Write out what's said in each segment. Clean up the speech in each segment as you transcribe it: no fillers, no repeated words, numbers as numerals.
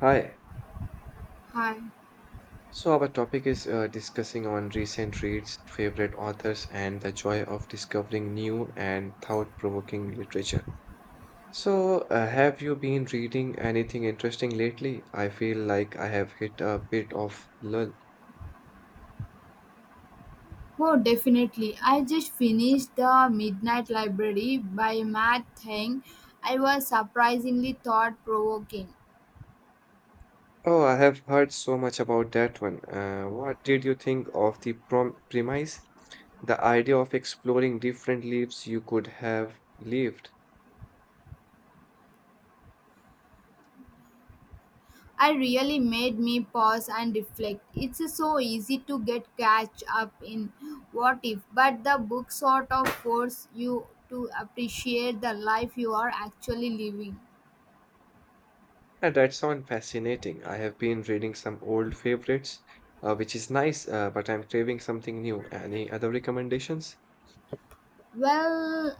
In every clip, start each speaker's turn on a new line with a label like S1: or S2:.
S1: Hi.
S2: Hi.
S1: So our topic is discussing on recent reads, favorite authors, and the joy of discovering new and thought-provoking literature. So, have you been reading anything interesting lately? I feel like I have hit a bit of lull.
S2: Oh, definitely. I just finished The Midnight Library by Matt Haig. I was surprisingly thought provoking.
S1: Oh, I have heard so much about that one. What did you think of the prom premise? The idea of exploring different lives you could have lived.
S2: I really made me pause and reflect. It's so easy to get catch up in what if, but the book sort of forces you to appreciate the life you are actually living.
S1: Yeah, that sounds fascinating. I have been reading some old favorites, which is nice, but I'm craving something new. Any other recommendations?
S2: Well,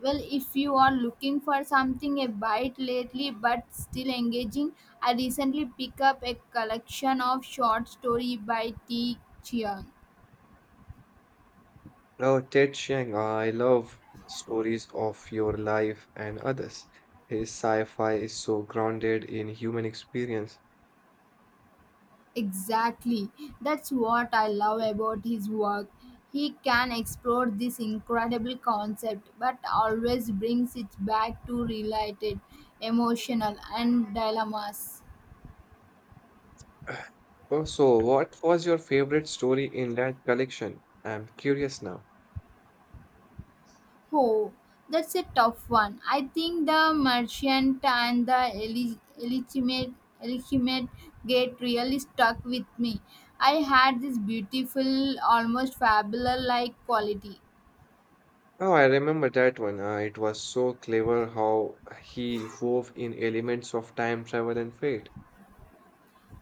S2: well, if you are looking for something a bit lately but still engaging, I recently picked up a collection of short story by T. Chiang.
S1: Oh, Ted Chiang, I love stories of your life and others. His sci-fi is so grounded in human experience.
S2: Exactly, that's what I love about his work. He can explore this incredible concept, but always brings it back to related, emotional, and dilemmas.
S1: Oh, so what was your favorite story in that collection? I'm curious now.
S2: Oh, that's a tough one. I think the merchant and the Elichimate gate really stuck with me. I had this beautiful, almost fabulous like quality.
S1: Oh, I remember that one. It was so clever how he wove in elements of time travel and fate.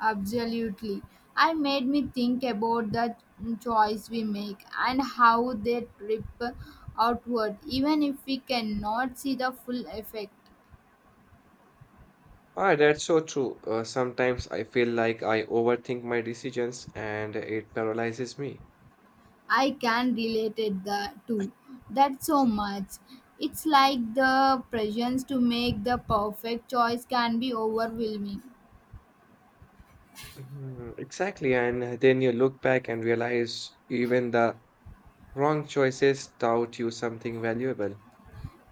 S2: Absolutely. I made me think about the choice we make and how they rip outward, even if we cannot see the full effect.
S1: Ah, that's so true. Sometimes I feel like I overthink my decisions and it paralyzes me.
S2: I can relate it the too. That so much. It's like the presence to make the perfect choice can be overwhelming.
S1: Mhm, exactly. And then you look back and realize even the wrong choices taught you something valuable.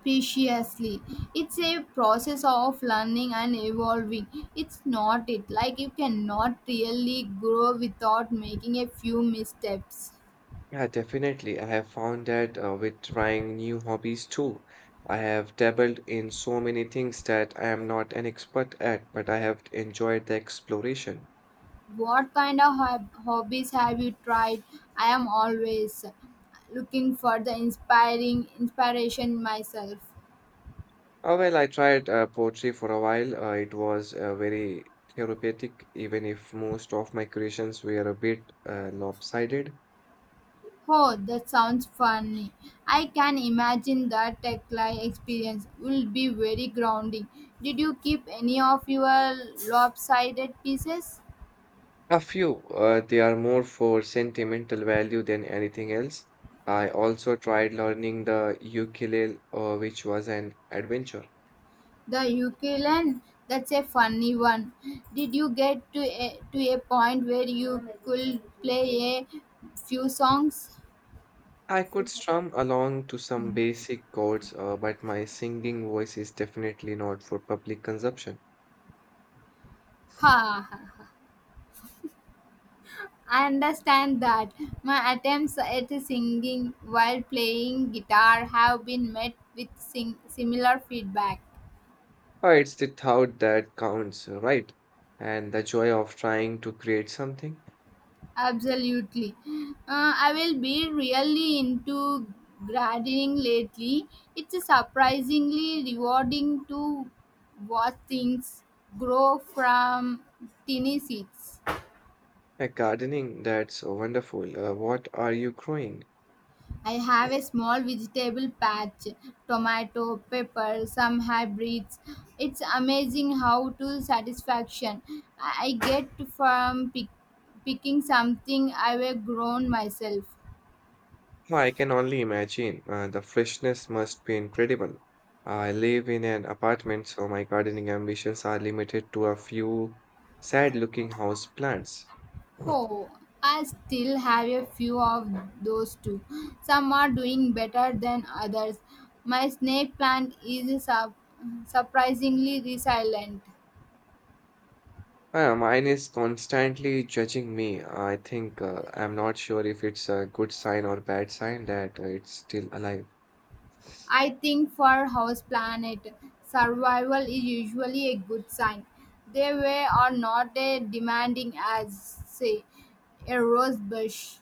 S2: Preciously, it's a process of learning and evolving. It's not it like you cannot really grow without making a few missteps.
S1: Yeah, definitely. I have found that with trying new hobbies too. I have dabbled in so many things that I am not an expert at, but I have enjoyed the exploration.
S2: What kind of hobbies have you tried? I am always looking for the inspiring inspiration myself.
S1: Oh well, I tried poetry for a while. It was very therapeutic, even if most of my creations were a bit lopsided.
S2: Oh, that sounds funny. I can imagine that Tekla experience will be very grounding. Did you keep any of your lopsided pieces?
S1: A few, they are more for sentimental value than anything else. I also tried learning the ukulele, which was an adventure.
S2: The ukulele, that's a funny one. Did you get to a point where you could play a few songs?
S1: I could strum along to some
S2: Ha!
S1: basic chords, but my singing voice is definitely not for public consumption.
S2: Ha. I understand that. My attempts at singing while playing guitar have been met with similar feedback.
S1: Oh, it's the thought that counts, right? And the joy of trying to create something.
S2: Absolutely. I will be really into gardening lately. It's surprisingly rewarding to watch things grow from tiny seeds.
S1: Like gardening, that's wonderful. What are you growing?
S2: I have a small vegetable patch, tomato, pepper, some hybrids. It's amazing how to satisfaction I get from picking something I've grown myself.
S1: Oh, I can only imagine. The freshness must be incredible. I live in an apartment, so my gardening ambitions are limited to a few sad-looking house plants.
S2: Oh, I still have a few of those too. Some are doing better than others. My snake plant is surprisingly resilient.
S1: Mine is constantly judging me. I think I'm not sure if it's a good sign or bad sign that it's still alive.
S2: I think for house planet, survival is usually a good sign. They were are not as demanding as say a rose bush.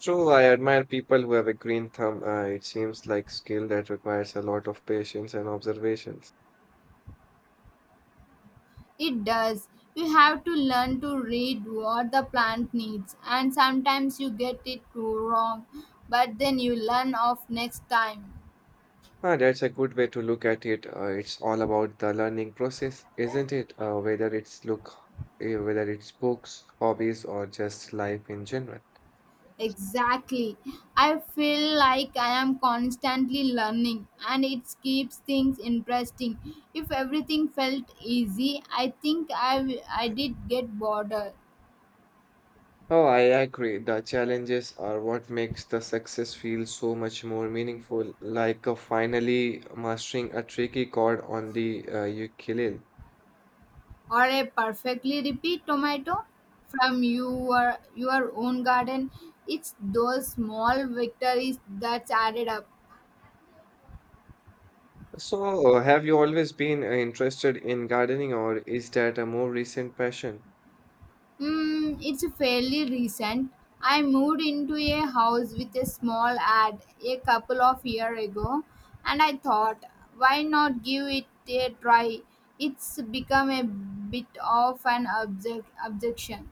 S1: True, I admire people who have a green thumb. It seems like skill that requires a lot of patience and observations.
S2: It does. You have to learn to read what the plant needs, and sometimes you get it too wrong, but then you learn off next time.
S1: Ah, that's a good way to look at it. It's all about the learning process, isn't it? Whether it's books, hobbies, or just life in general.
S2: Exactly. I feel like I am constantly learning, and it keeps things interesting. If everything felt easy, I think I did get bored.
S1: Oh, I agree. The challenges are what makes the success feel so much more meaningful, like finally mastering a tricky chord on the ukulele.
S2: Or a perfectly ripe tomato from your own garden, it's those small victories that's added up.
S1: So, have you always been interested in gardening, or is that a more recent passion?
S2: It's fairly recent, I moved into a house with a small ad a couple of years ago, and I thought, why not give it a try? It's become a bit of an objection.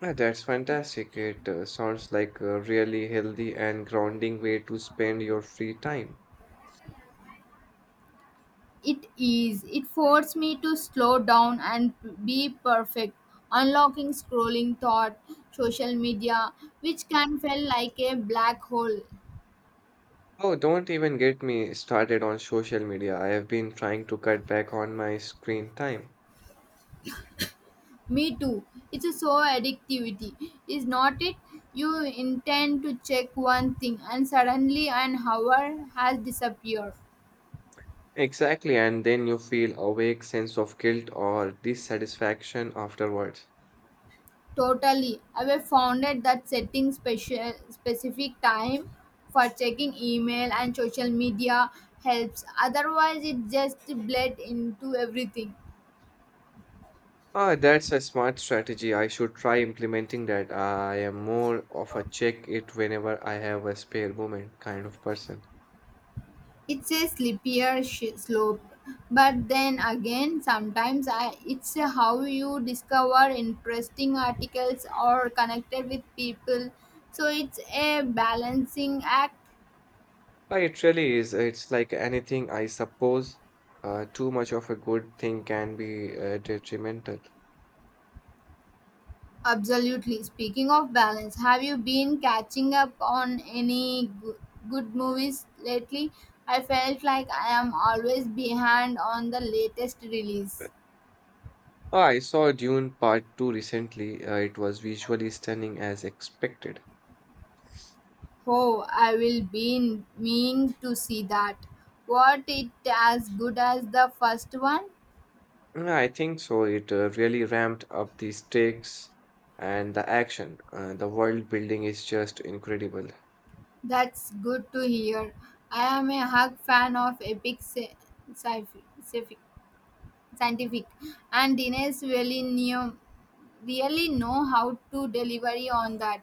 S1: Ah, that's fantastic. It sounds like a really healthy and grounding way to spend your free time.
S2: It is. It forced me to slow down and be perfect. Unlocking scrolling thought, social media, which can feel like a black hole.
S1: Oh, don't even get me started on social media. I have been trying to cut back on my screen time.
S2: Me too. It's a so addictivity, is not it? You intend to check one thing and suddenly an hour has disappeared.
S1: Exactly, and then you feel a vague sense of guilt or dissatisfaction afterwards.
S2: Totally. I've found it that setting special specific time for checking email and social media helps. Otherwise, it just bled into everything.
S1: Ah, that's a smart strategy. I should try implementing that. I am more of a check it whenever I have a spare moment kind of person.
S2: It's a slope. But then again, sometimes I, it's how you discover interesting articles or connected with people. So it's a balancing act.
S1: Ah, it really is. It's like anything, I suppose. Too much of a good thing can be detrimental.
S2: Absolutely. Speaking of balance, have you been catching up on any good movies lately? I felt like I am always behind on the latest release.
S1: Ah, I saw Dune Part 2 recently. It was visually stunning as expected.
S2: Oh, I will be meaning to see that. What it as good as the first one?
S1: Mm, I think so. It really ramped up the stakes and the action. The world building is just incredible.
S2: That's good to hear. I am a hug fan of epic sci-fi. Scientific and Dines really know how to deliver on that.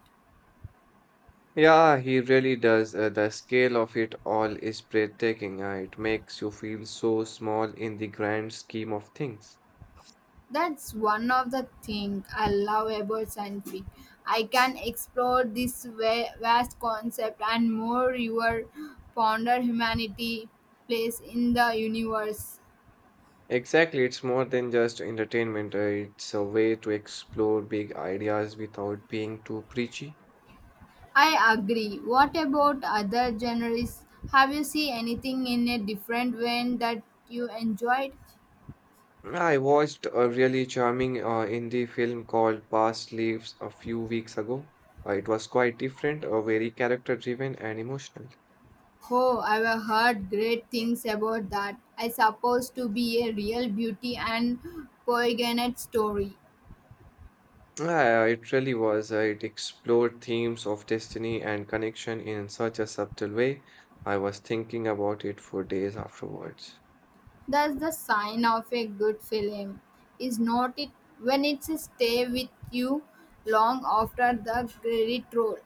S1: Yeah, he really does. The scale of it all is breathtaking. It makes you feel so small in the grand scheme of things.
S2: That's one of the things I love about science fiction. I can explore this vast concept and more your ponder humanity place in the universe.
S1: Exactly, it's more than just entertainment. It's a way to explore big ideas without being too preachy.
S2: I agree. What about other genres? Have you seen anything in a different way that you enjoyed?
S1: I watched a really charming indie film called Past Lives a few weeks ago. It was quite different, very character driven and emotional.
S2: Oh, I've heard great things about that. I suppose to be a real beauty and poignant story.
S1: Yeah, it really was. It explored themes of destiny and connection in such a subtle way. I was thinking about it for days afterwards.
S2: That's the sign of a good film, is not it? When it's stay with you long after the credit roll.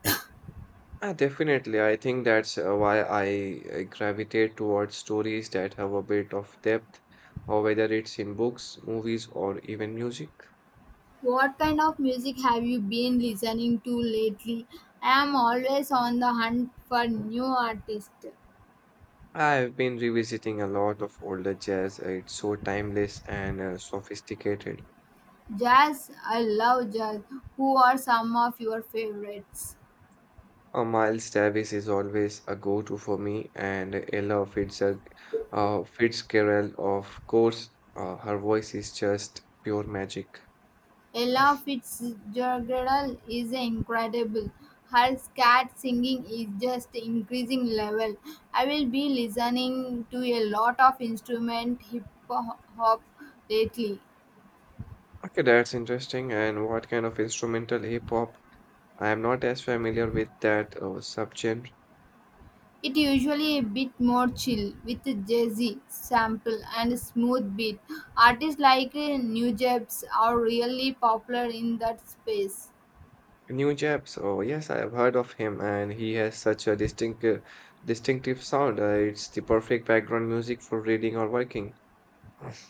S1: Ah, definitely, I think that's why I gravitate towards stories that have a bit of depth, or whether it's in books, movies, or even music.
S2: What kind of music have you been listening to lately? I am always on the hunt for new artists.
S1: I've been revisiting a lot of older jazz. It's so timeless and sophisticated.
S2: Jazz, I love jazz. Who are some of your favorites?
S1: A Miles Davis is always a go-to for me, and Ella Fitzgerald, of course, her voice is just pure magic.
S2: Ella Fitzgerald is incredible. Her scat singing is just increasing level. I will be listening to a lot of instrument hip hop lately.
S1: Okay, that's interesting. And what kind of instrumental hip hop? I am not as familiar with that subgenre.
S2: It usually a bit more chill with jazzy sample and smooth beat. Artists like New Jabs are really popular in that space.
S1: New Japs. Oh, yes, I have heard of him, and he has such a distinctive sound. It's the perfect background music for reading or working.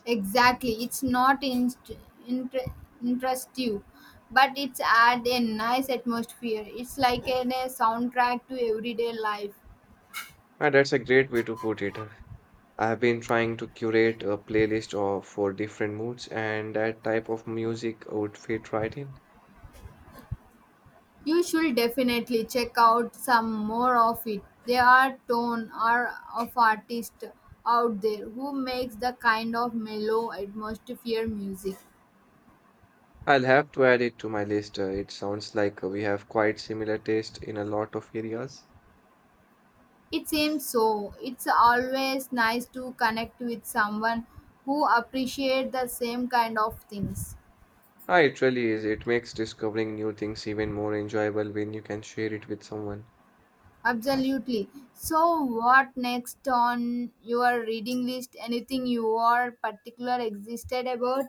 S2: Exactly. It's not inter- interest you, but it's add a nice atmosphere. It's like a soundtrack to everyday life.
S1: Ah, that's a great way to put it. I've been trying to curate a playlist of for different moods, and that type of music would fit right in.
S2: You should definitely check out some more of it. There are tone or of artists out there who makes the kind of mellow atmosphere music.
S1: I'll have to add it to my list. It sounds like we have quite similar taste in a lot of areas.
S2: It seems so. It's always nice to connect with someone who appreciate the same kind of things.
S1: Ah, it really is. It makes discovering new things even more enjoyable when you can share it with someone.
S2: Absolutely. So, what next on your reading list? Anything you are particular existed about?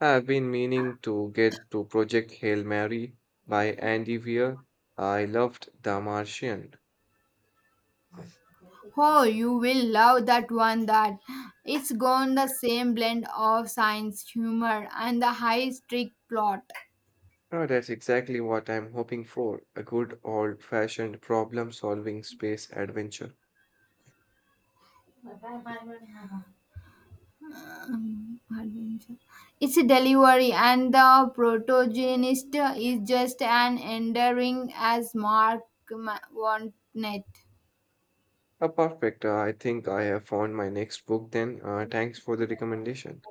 S1: I've been meaning to get to Project Hail Mary by Andy Weir. I loved The Martian.
S2: Oh, you will love that one. That it's gone the same blend of science, humor, and the high streak plot.
S1: Oh, that's exactly what I'm hoping for, a good old-fashioned problem-solving space adventure.
S2: Adventure. It's a delivery, and the protagonist is just an endearing as Mark Wanted.
S1: Perfect. I think I have found my next book then. Thanks for the recommendation.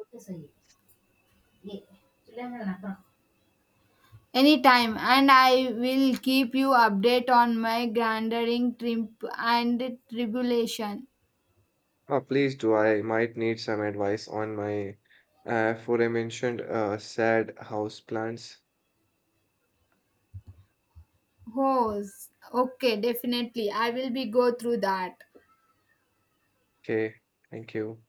S2: Anytime, and I will keep you update on my grandering trip and tribulation.
S1: Please do. I might need some advice on my aforementioned sad house plants.
S2: Hose. Okay, definitely. I will be go through that.
S1: Okay, thank you.